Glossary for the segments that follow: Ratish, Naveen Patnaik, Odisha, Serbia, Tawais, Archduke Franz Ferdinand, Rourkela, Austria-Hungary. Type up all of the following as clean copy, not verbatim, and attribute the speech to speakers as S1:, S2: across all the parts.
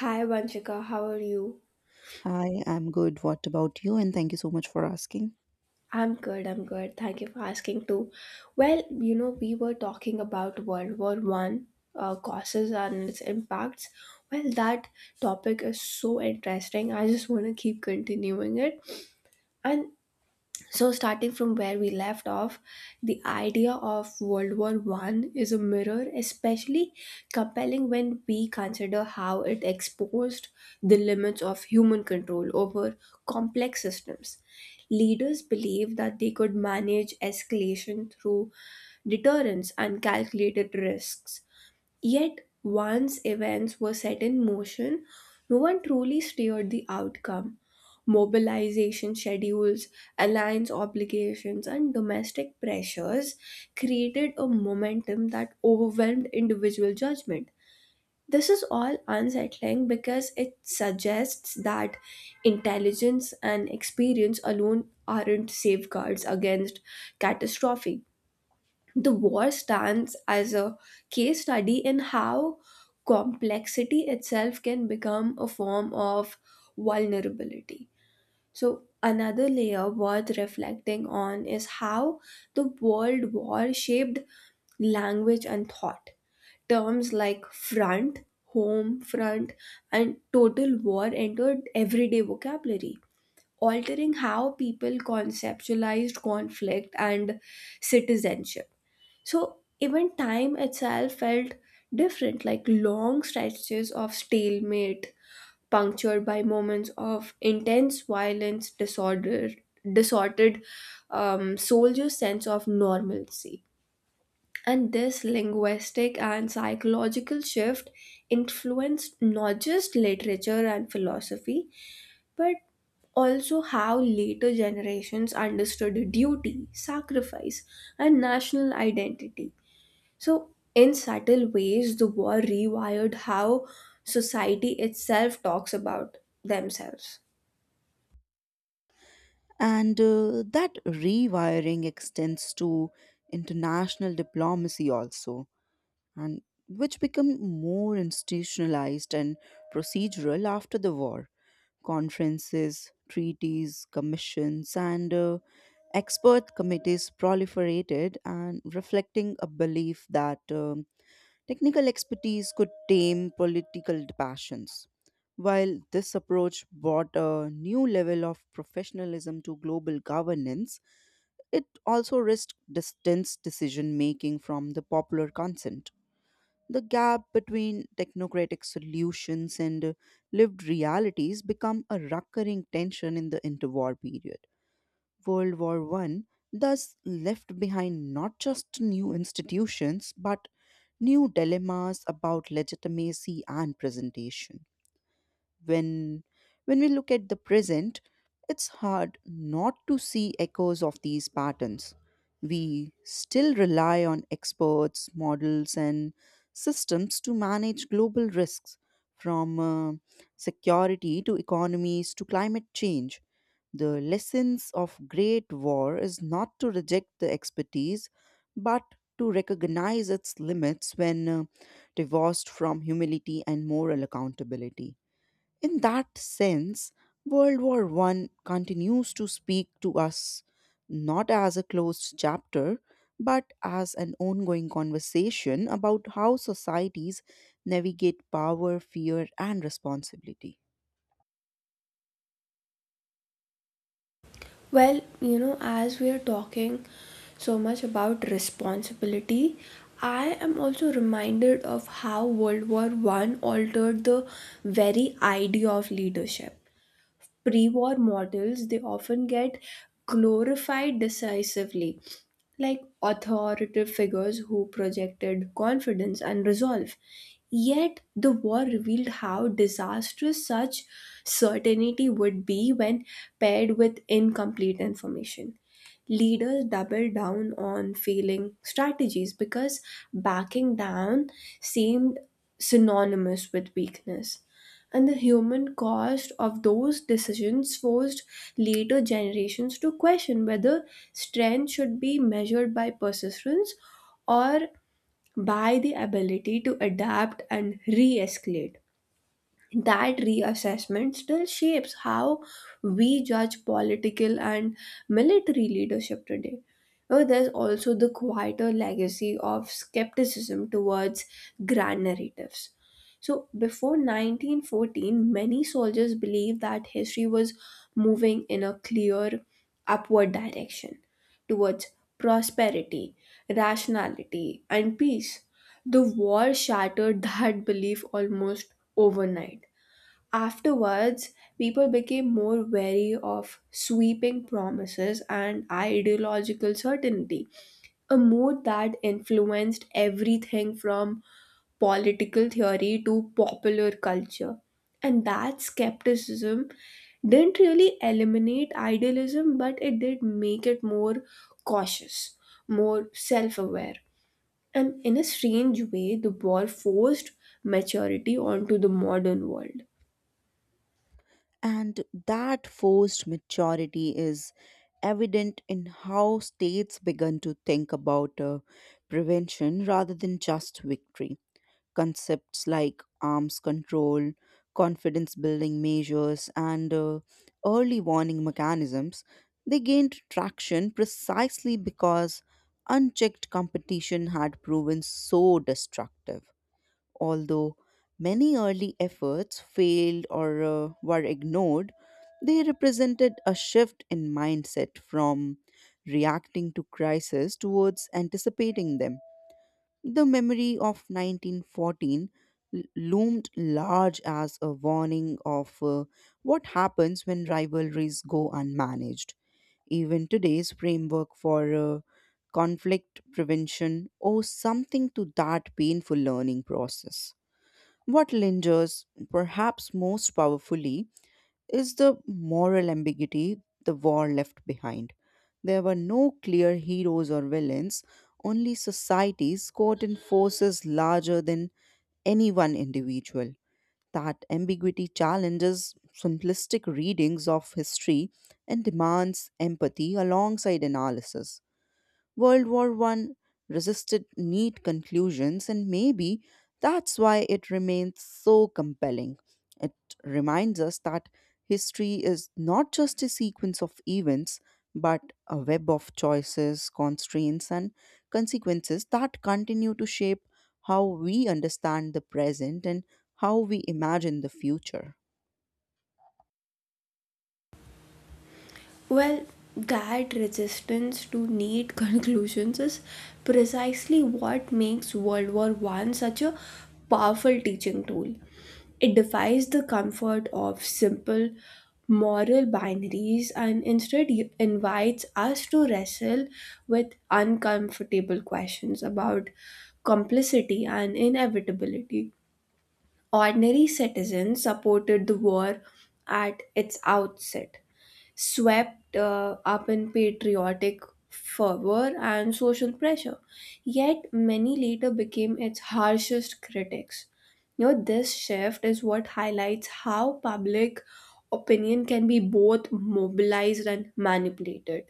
S1: Hi Vanshika, how are you?
S2: Hi, I'm good. What about you? And thank you so much for asking.
S1: I'm good, I'm good. Thank you for asking too. Well, we were talking about World War One causes and its impacts. Well, that topic is so interesting. I just want to keep continuing it. And So, starting from where we left off, the idea of World War One is a mirror, especially compelling when we consider how it exposed the limits of human control over complex systems. Leaders believed that they could manage escalation through deterrence and calculated risks. Yet, once events were set in motion, no one truly steered the outcome. Mobilization schedules, alliance obligations, and domestic pressures created a momentum that overwhelmed individual judgment. This is all unsettling because it suggests that intelligence and experience alone aren't safeguards against catastrophe. The war stands as a case study in how complexity itself can become a form of vulnerability. So, another layer worth reflecting on is how the World War shaped language and thought. Terms like front, home front, and total war entered everyday vocabulary, altering how people conceptualized conflict and citizenship, so even time itself felt different, like long stretches of stalemate, punctured by moments of intense violence, disordered soldier's sense of normalcy. And this linguistic and psychological shift influenced not just literature and philosophy, but also how later generations understood duty, sacrifice, and national identity. So, in subtle ways, the war rewired how society itself talks about themselves.
S2: And that rewiring extends to international diplomacy also, and which become more institutionalized and procedural after the war. Conferences, treaties, commissions, and expert committees proliferated and reflecting a belief that technical expertise could tame political passions. While this approach brought a new level of professionalism to global governance, it also risked distance decision making from the popular consent. The gap between technocratic solutions and lived realities become a recurring tension in the interwar period. World War One thus left behind not just new institutions but new dilemmas about legitimacy and presentation. When when we look at the present, it's hard not to see echoes of these patterns. We still rely on experts, models, and systems to manage global risks from security to economies to climate change, the lessons of Great War is not to reject the expertise, but to recognize its limits when divorced from humility and moral accountability. In that sense, World War One continues to speak to us not as a closed chapter, but as an ongoing conversation about how societies navigate power, fear, and responsibility.
S1: Well, as we are talking so much about responsibility, I am also reminded of how World War One altered the very idea of leadership. Pre-war models they often get glorified decisively, like authoritative figures who projected confidence and resolve. Yet the war revealed how disastrous such certainty would be when paired with incomplete information. Leaders doubled down on failing strategies because backing down seemed synonymous with weakness, and the human cost of those decisions forced later generations to question whether strength should be measured by persistence or by the ability to adapt and re escalate. That reassessment still shapes how we judge political and military leadership today. Oh, there's also the quieter legacy of skepticism towards grand narratives. So, before 1914, many soldiers believed that history was moving in a clear upward direction towards prosperity, rationality, and peace. The war shattered that belief almost overnight. Afterwards, people became more wary of sweeping promises and ideological certainty, a mood that influenced everything from political theory to popular culture. And that skepticism didn't really eliminate idealism, but it did make it more cautious, more self aware. And in a strange way, the war forced maturity onto the modern world.
S2: And that forced maturity is evident in how states begun to think about prevention rather than just victory. Concepts like arms control, confidence building measures, and early warning mechanisms, they gained traction precisely because unchecked competition had proven so destructive. Although many early efforts failed or were ignored, they represented a shift in mindset from reacting to crisis towards anticipating them. The memory of 1914 loomed large as a warning of what happens when rivalries go unmanaged. Even today's framework for conflict prevention owes something to that painful learning process. What lingers, perhaps most powerfully, is the moral ambiguity the war left behind. There were no clear heroes or villains, only societies caught in forces larger than any one individual. That ambiguity challenges simplistic readings of history and demands empathy alongside analysis. World War One resisted neat conclusions, and maybe that's why it remains so compelling. It reminds us that history is not just a sequence of events, but a web of choices, constraints, and consequences that continue to shape how we understand the present and how we imagine the future.
S1: Well, that resistance to neat conclusions is precisely what makes World War One such a powerful teaching tool. It defies the comfort of simple moral binaries and instead invites us to wrestle with uncomfortable questions about complicity and inevitability. Ordinary citizens supported the war at its outset, swept up in patriotic fervor and social pressure. Yet many later became its harshest critics. This shift is what highlights how public opinion can be both mobilized and manipulated,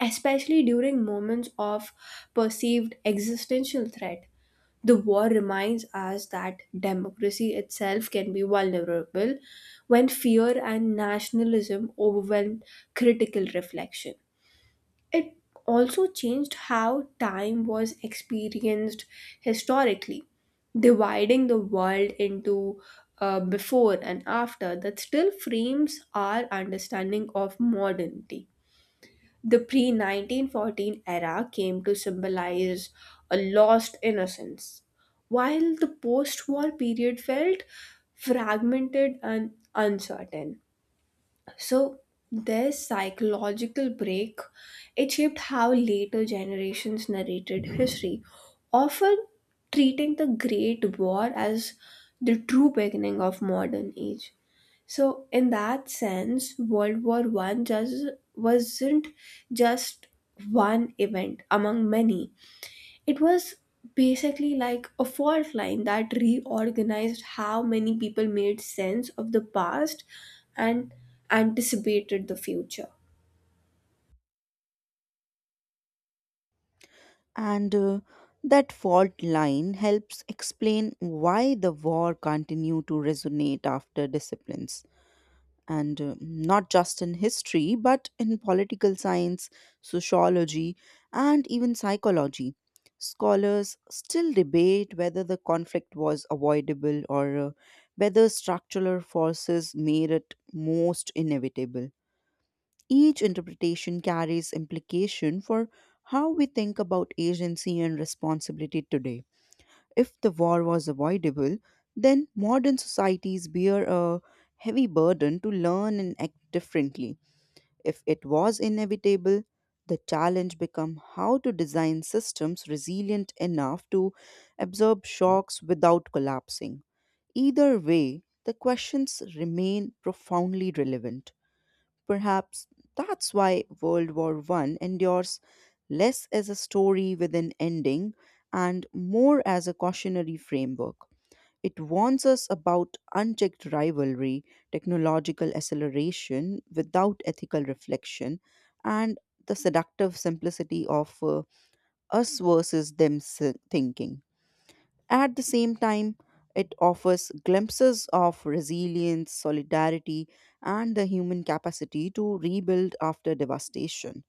S1: especially during moments of perceived existential threat. The war reminds us that democracy itself can be vulnerable when fear and nationalism overwhelm critical reflection. It also changed how time was experienced historically, dividing the world into before and after that still frames our understanding of modernity. The pre 1914 era came to symbolize a lost innocence, while the post war period felt fragmented and uncertain. So, this psychological break it shaped how later generations narrated history, often treating the Great War as the true beginning of modern age. So in that sense, World War One just wasn't just one event among many. It was basically like a fault line that reorganized how many people made sense of the past and anticipated the future.
S2: And that fault line helps explain why the war continued to resonate after disciplines. And not just in history, but in political science, sociology, and even psychology. Scholars still debate whether the conflict was avoidable or whether structural forces made it most inevitable. Each interpretation carries implication for how we think about agency and responsibility today. If the war was avoidable, then modern societies bear a heavy burden to learn and act differently. If it was inevitable, the challenge becomes how to design systems resilient enough to absorb shocks without collapsing. Either way, the questions remain profoundly relevant. Perhaps that's why World War One endures less as a story with an ending and more as a cautionary framework. It warns us about unchecked rivalry, technological acceleration without ethical reflection, and the seductive simplicity of us versus thinking. At the same time, it offers glimpses of resilience, solidarity, and the human capacity to rebuild after devastation.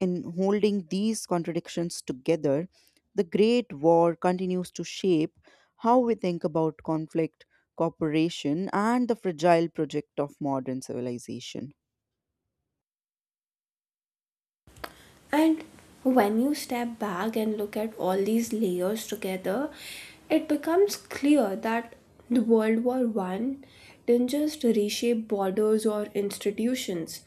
S2: In holding these contradictions together, the Great War continues to shape how we think about conflict, cooperation, and the fragile project of modern civilization.
S1: And when you step back and look at all these layers together, it becomes clear that the World War One didn't just reshape borders or institutions.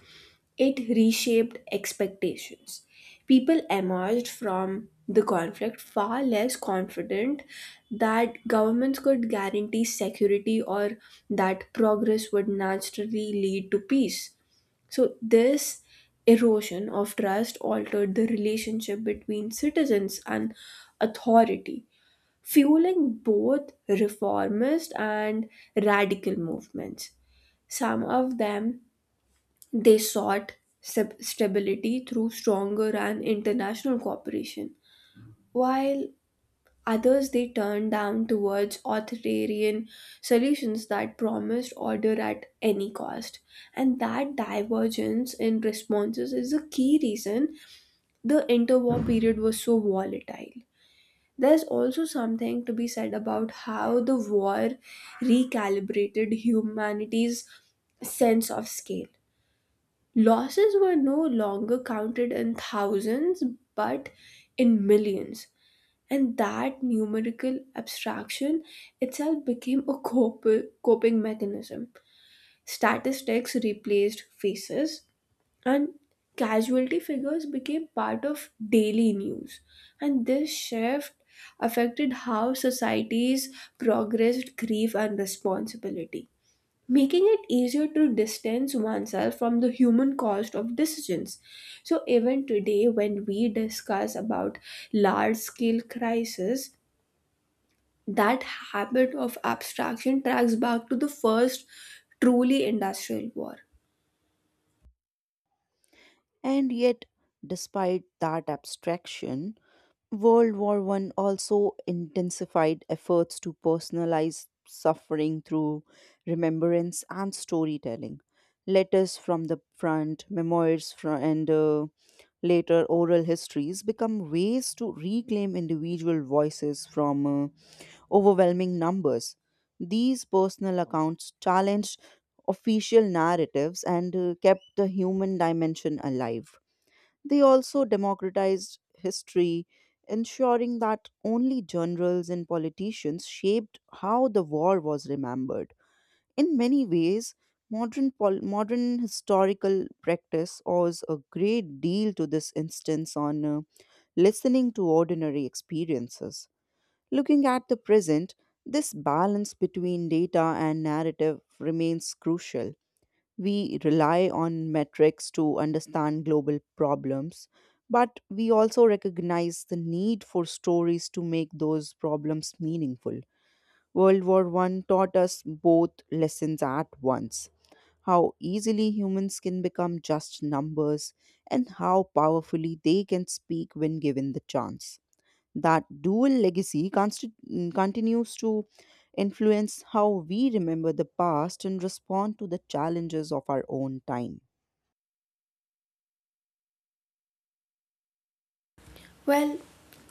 S1: It reshaped expectations. People emerged from the conflict far less confident that governments could guarantee security or that progress would naturally lead to peace. So, this erosion of trust altered the relationship between citizens and authority, fueling both reformist and radical movements. Some of them they sought stability through stronger and international cooperation, while others they turned down towards authoritarian solutions that promised order at any cost. And that divergence in responses is a key reason the interwar period was so volatile. There's also something to be said about how the war recalibrated humanity's sense of scale. Losses were no longer counted in thousands but in millions, and that numerical abstraction itself became a coping mechanism. Statistics replaced faces, and casualty figures became part of daily news. And this shift affected how societies progressed grief and responsibility, making it easier to distance oneself from the human cost of decisions, so even today when we discuss about large scale crisis, that habit of abstraction tracks back to the first truly industrial war.
S2: And yet, despite that abstraction, World War One also intensified efforts to personalize suffering through remembrance and storytelling. Letters from the front, memoirs, and later oral histories become ways to reclaim individual voices from overwhelming numbers. These personal accounts challenged official narratives and kept the human dimension alive. They also democratized history, ensuring that only generals and politicians shaped how the war was remembered. In many ways, modern historical practice owes a great deal to this instance on listening to ordinary experiences. Looking at the present, this balance between data and narrative remains crucial. We rely on metrics to understand global problems, but we also recognize the need for stories to make those problems meaningful. World War One taught us both lessons at once, how easily humans can become just numbers and how powerfully they can speak when given the chance. That dual legacy continues to influence how we remember the past and respond to the challenges of our own time.
S1: Well,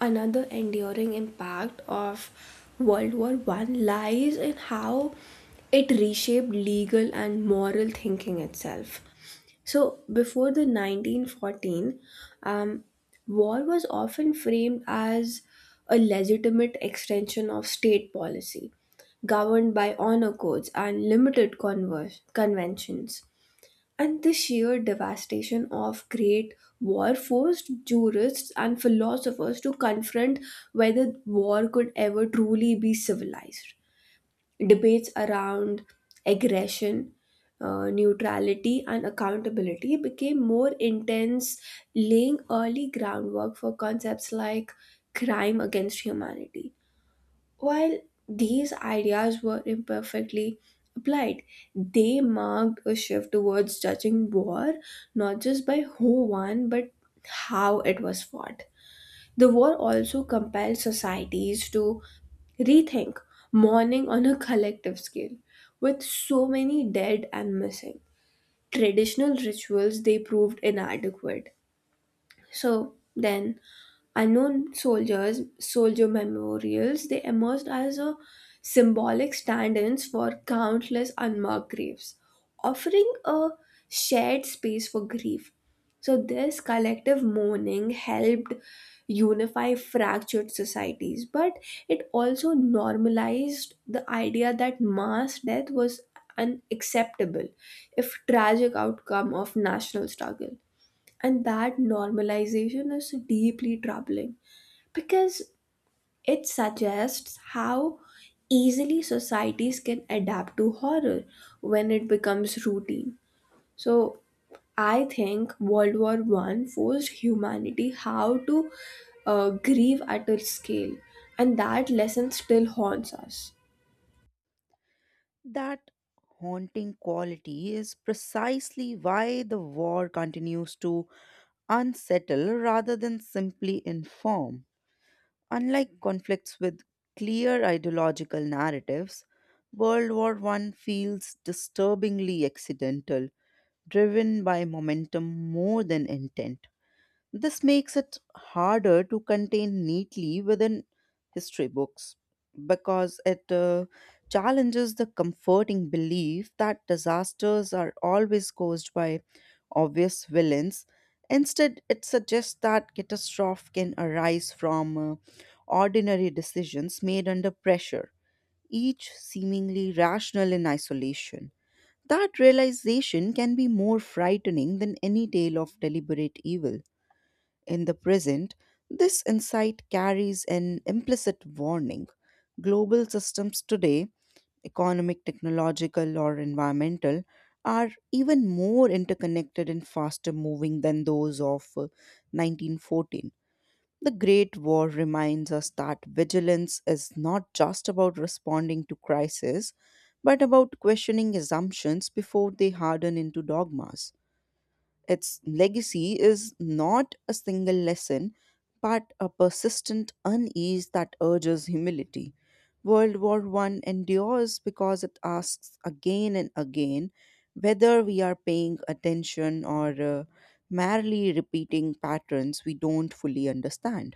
S1: another enduring impact of World War One lies in how it reshaped legal and moral thinking itself. So, before the 1914, um, war was often framed as a legitimate extension of state policy, governed by honor codes and limited conventions. And the sheer devastation of Great War forced jurists and philosophers to confront whether war could ever truly be civilized. Debates around aggression, neutrality, and accountability became more intense, laying early groundwork for concepts like crime against humanity. While these ideas were imperfectly applied, they marked a shift towards judging war not just by who won but how it was fought. The war also compelled societies to rethink mourning on a collective scale, with so many dead and missing. Traditional rituals they proved inadequate. So then unknown soldiers, soldier memorials, they emerged as a symbolic stand ins for countless unmarked graves, offering a shared space for grief. So, this collective mourning helped unify fractured societies, but it also normalized the idea that mass death was unacceptable if tragic outcome of national struggle, and that normalization is deeply troubling because it suggests how easily societies can adapt to horror when it becomes routine. So I think World War One forced humanity how to grieve at a scale, and that lesson still haunts us.
S2: That haunting quality is precisely why the war continues to unsettle rather than simply inform. Unlike conflicts with clear ideological narratives, World War One feels disturbingly accidental, driven by momentum more than intent. This makes it harder to contain neatly within history books because it challenges the comforting belief that disasters are always caused by obvious villains. Instead, it suggests that catastrophe can arise from ordinary decisions made under pressure, each seemingly rational in isolation. That realization can be more frightening than any tale of deliberate evil. In the present, this insight carries an implicit warning. Global systems today, economic, technological, or environmental, are even more interconnected and faster moving than those of 1914. The Great War reminds us that vigilance is not just about responding to crisis, but about questioning assumptions before they harden into dogmas. Its legacy is not a single lesson, but a persistent unease that urges humility. World War One endures because it asks again and again whether we are paying attention or merely repeating patterns we don't fully understand.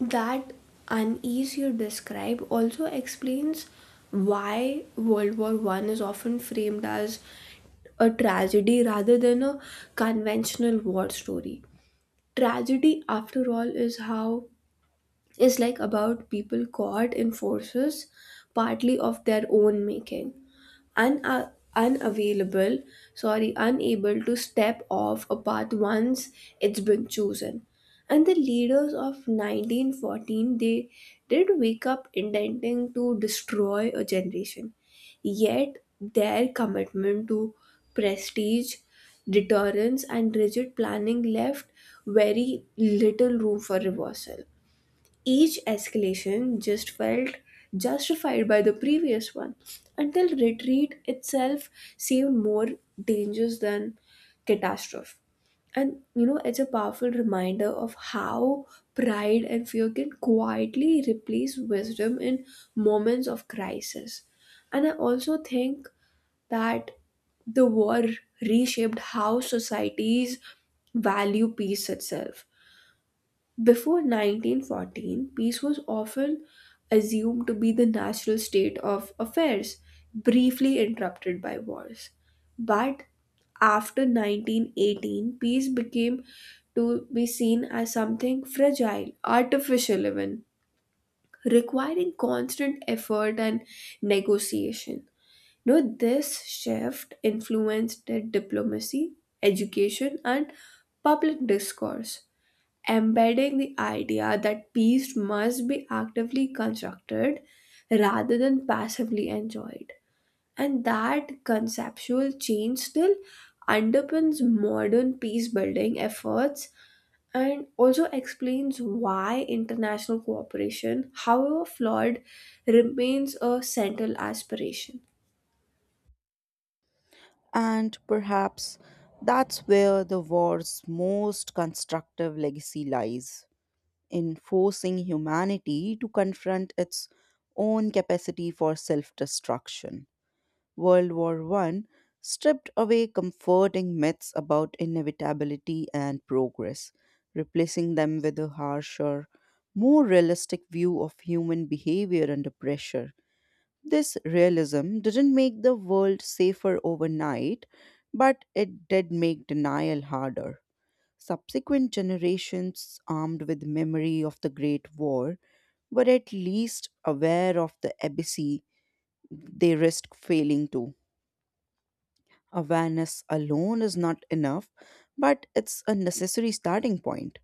S1: That unease you describe also explains why World War One is often framed as a tragedy rather than a conventional war story. Tragedy, after all, is how is like about people caught in forces partly of their own making, una- unavailable sorry unable to step off a path once it's been chosen, and the leaders of 1914 they did wake up intending to destroy a generation. Yet their commitment to prestige, deterrence and rigid planning left very little room for reversal. Each escalation just felt justified by the previous one until retreat itself seemed more dangerous than catastrophe. And it's a powerful reminder of how pride and fear can quietly replace wisdom in moments of crisis. And I also think that the war reshaped how societies value peace itself. Before 1914, peace was often assumed to be the natural state of affairs, briefly interrupted by wars. But after 1918, peace became to be seen as something fragile, artificial, even requiring constant effort and negotiation. Now, this shift influenced diplomacy, education, and public discourse, embedding the idea that peace must be actively constructed rather than passively enjoyed. And that conceptual change still underpins modern peace building efforts and also explains why international cooperation, however flawed, remains a central aspiration.
S2: And perhaps that's where the war's most constructive legacy lies, in forcing humanity to confront its own capacity for self destruction. World War One stripped away comforting myths about inevitability and progress, replacing them with a harsher, more realistic view of human behavior under pressure. This realism didn't make the world safer overnight, but it did make denial harder. Subsequent generations, armed with memory of the Great War, were at least aware of the abyss they risk failing to. Awareness alone is not enough, but it's a necessary starting point.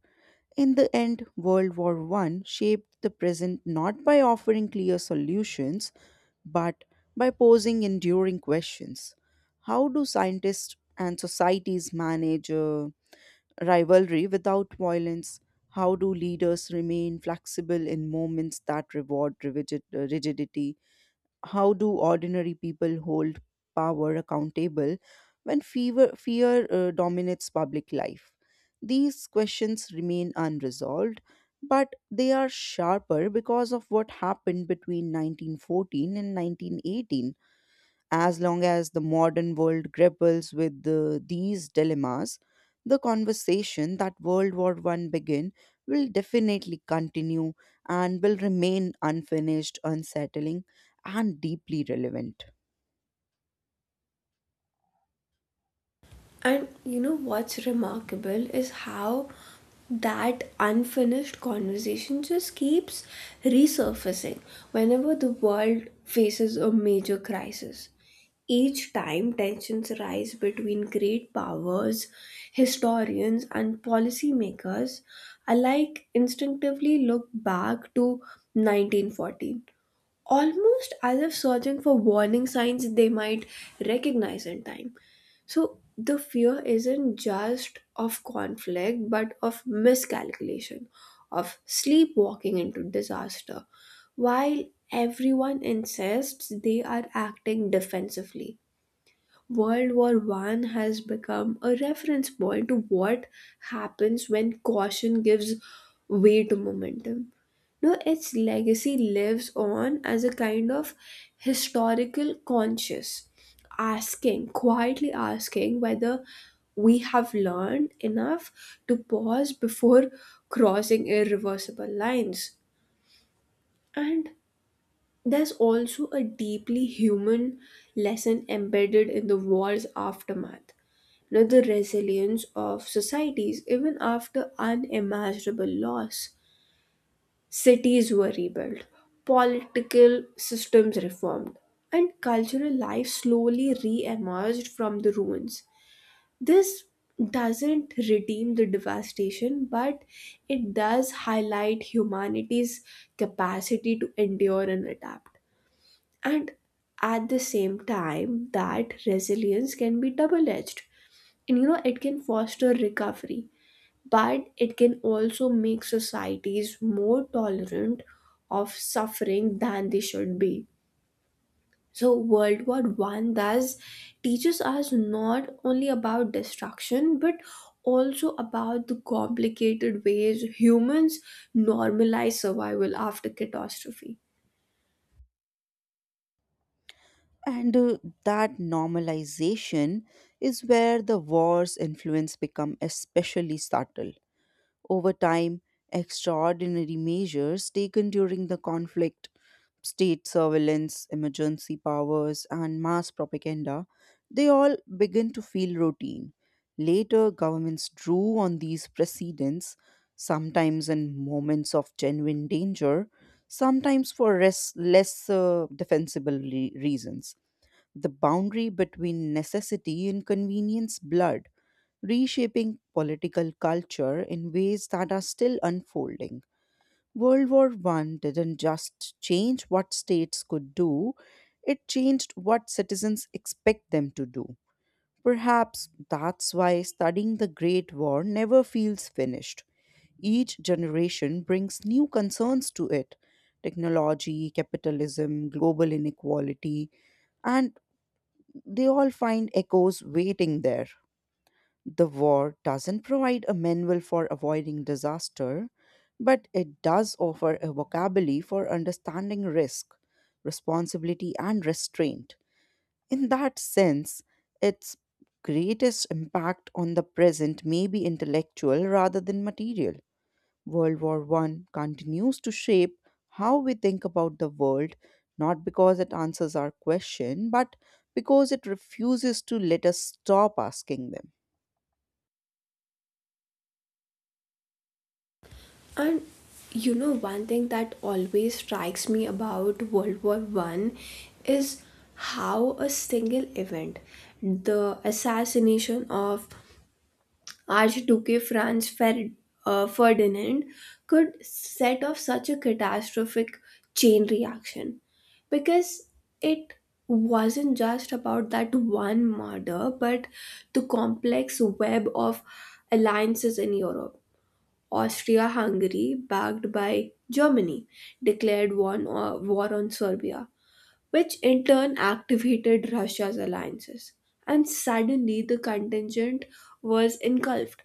S2: In the end, World War One shaped the present not by offering clear solutions, but by posing enduring questions. How do scientists and societies manage rivalry without violence? How do leaders remain flexible in moments that reward rigidity? How do ordinary people hold power accountable when fear dominates public life? These questions remain unresolved, but they are sharper because of what happened between 1914 and 1918. As long as the modern world grapples with these dilemmas, the conversation that World War One began will definitely continue and will remain unfinished, unsettling, and deeply relevant.
S1: And you know what's remarkable is how that unfinished conversation just keeps resurfacing whenever the world faces a major crisis. Each time, tensions rise between great powers, historians, and policymakers alike instinctively look back to 1914, almost as if searching for warning signs they might recognize in time. So the fear isn't just of conflict, but of miscalculation, of sleepwalking into disaster, while everyone insists they are acting defensively. World War One has become a reference point to what happens when caution gives way to momentum. Now its legacy lives on as a kind of historical conscience, asking, quietly asking whether we have learned enough to pause before crossing irreversible lines. And there's also a deeply human lesson embedded in the war's aftermath, know, the resilience of societies even after unimaginable loss. Cities were rebuilt, political systems reformed, and cultural life slowly re emerged from the ruins. This doesn't redeem the devastation, but it does highlight humanity's capacity to endure and adapt. And at the same time, that resilience can be double edged, and it can foster recovery but it can also make societies more tolerant of suffering than they should be. So world war One thus teaches us not only about destruction but also about the complicated ways humans normalize survival after catastrophe.
S2: And that normalization is where the war's influence become especially subtle. Over time, extraordinary measures taken during the conflict, state surveillance, emergency powers, and mass propaganda, they all begin to feel routine. Later, governments drew on these precedents, sometimes in moments of genuine danger, sometimes for less defensible reasons. The boundary between necessity and convenience blurred, reshaping political culture in ways that are still unfolding. World War One didn't just change what states could do, it changed what citizens expect them to do. Perhaps that's why studying the Great War never feels finished. Each generation brings new concerns to it, technology, capitalism, global inequality, and they all find echoes waiting there. The war doesn't provide a manual for avoiding disaster, but it does offer a vocabulary for understanding risk, responsibility, and restraint. In that sense, its greatest impact on the present may be intellectual rather than material. World War One continues to shape how we think about the world, not because it answers our question, but because it refuses to let us stop asking them.
S1: And one thing that always strikes me about World War One is how a single event, the assassination of Archduke Franz Ferdinand, could set off such a catastrophic chain reaction, because it wasn't just about that one murder, but the complex web of alliances in Europe. Austria-Hungary, backed by Germany, declared war on Serbia, which in turn activated Russia's alliances. And suddenly the contingent was engulfed.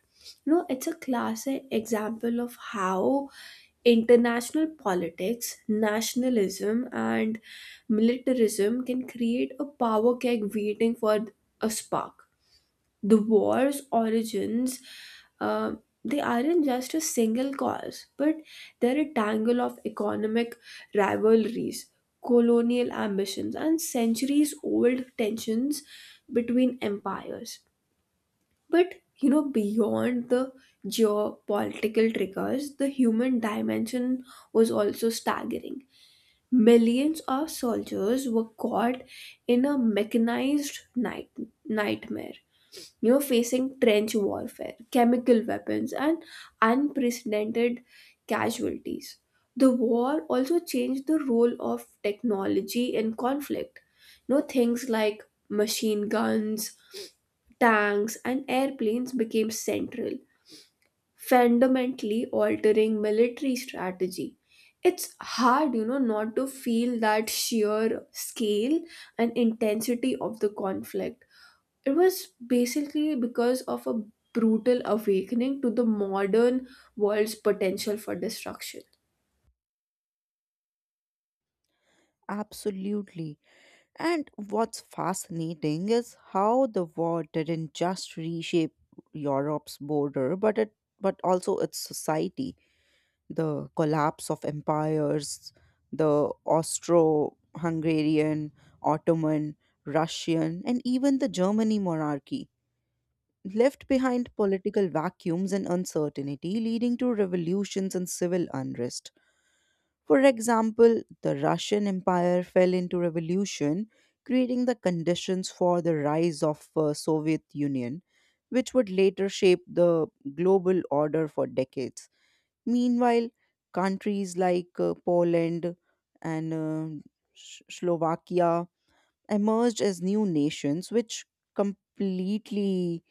S1: No, it's a classic example of how international politics, nationalism, and militarism can create a power keg waiting for a spark. The war's origins uh, they aren't just a single cause but they're a tangle of economic rivalries, colonial ambitions and centuries old tensions between empires. But beyond the geopolitical triggers, the human dimension was also staggering. Millions of soldiers were caught in a mechanized nightmare, facing trench warfare, chemical weapons, and unprecedented casualties. The war also changed the role of technology in conflict. Things like machine guns, tanks, and airplanes became central, fundamentally altering military strategy. It's hard, not to feel that sheer scale and intensity of the conflict. It was basically because of a brutal awakening to the modern world's potential for destruction.
S2: Absolutely. And what's fascinating is how the war didn't just reshape Europe's border, but it but also its society. The collapse of empires, the Austro Hungarian, Ottoman, Russian, and even the Germany monarchy left behind political vacuums and uncertainty, leading to revolutions and civil unrest. For example, the Russian Empire fell into revolution, creating the conditions for the rise of Soviet Union, which would later shape the global order for decades. Meanwhile, countries like Poland and Slovakia emerged as new nations, which completely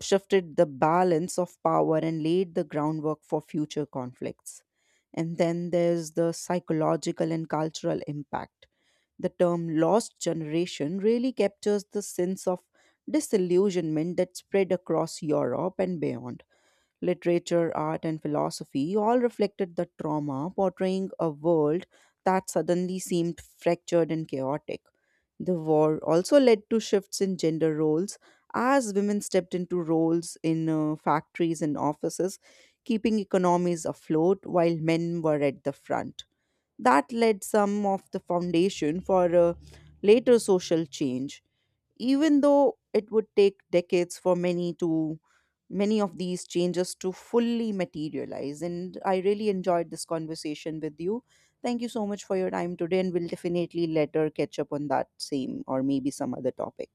S2: shifted the balance of power and laid the groundwork for future conflicts. And then there's the psychological and cultural impact. The term lost generation really captures the sense of disillusionment that spread across Europe and beyond literature, art, and philosophy all reflected the trauma, portraying a world that suddenly seemed fractured and chaotic. The war also led to shifts in gender roles as women stepped into roles in factories and offices, keeping economies afloat while men were at the front. That led some of the foundation for later social change, even though it would take decades for many of these changes to fully materialize. And I really enjoyed this conversation with you. Thank you so much for your time today, and we'll definitely later catch up on that same or maybe some other topic.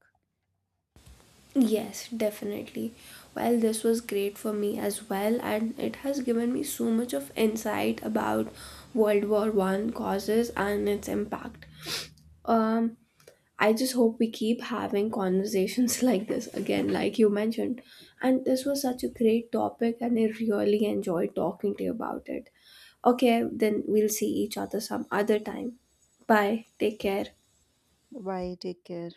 S1: Yes, definitely. Well, this was great for me as well, and it has given me so much of insight about World War One causes and its impact. Um, I just hope we keep having conversations like this again, like you mentioned. And this was such a great topic, and I really enjoyed talking to you about it. Okay, then we'll see each other some other time. Bye. Take care.
S2: Bye. Take care.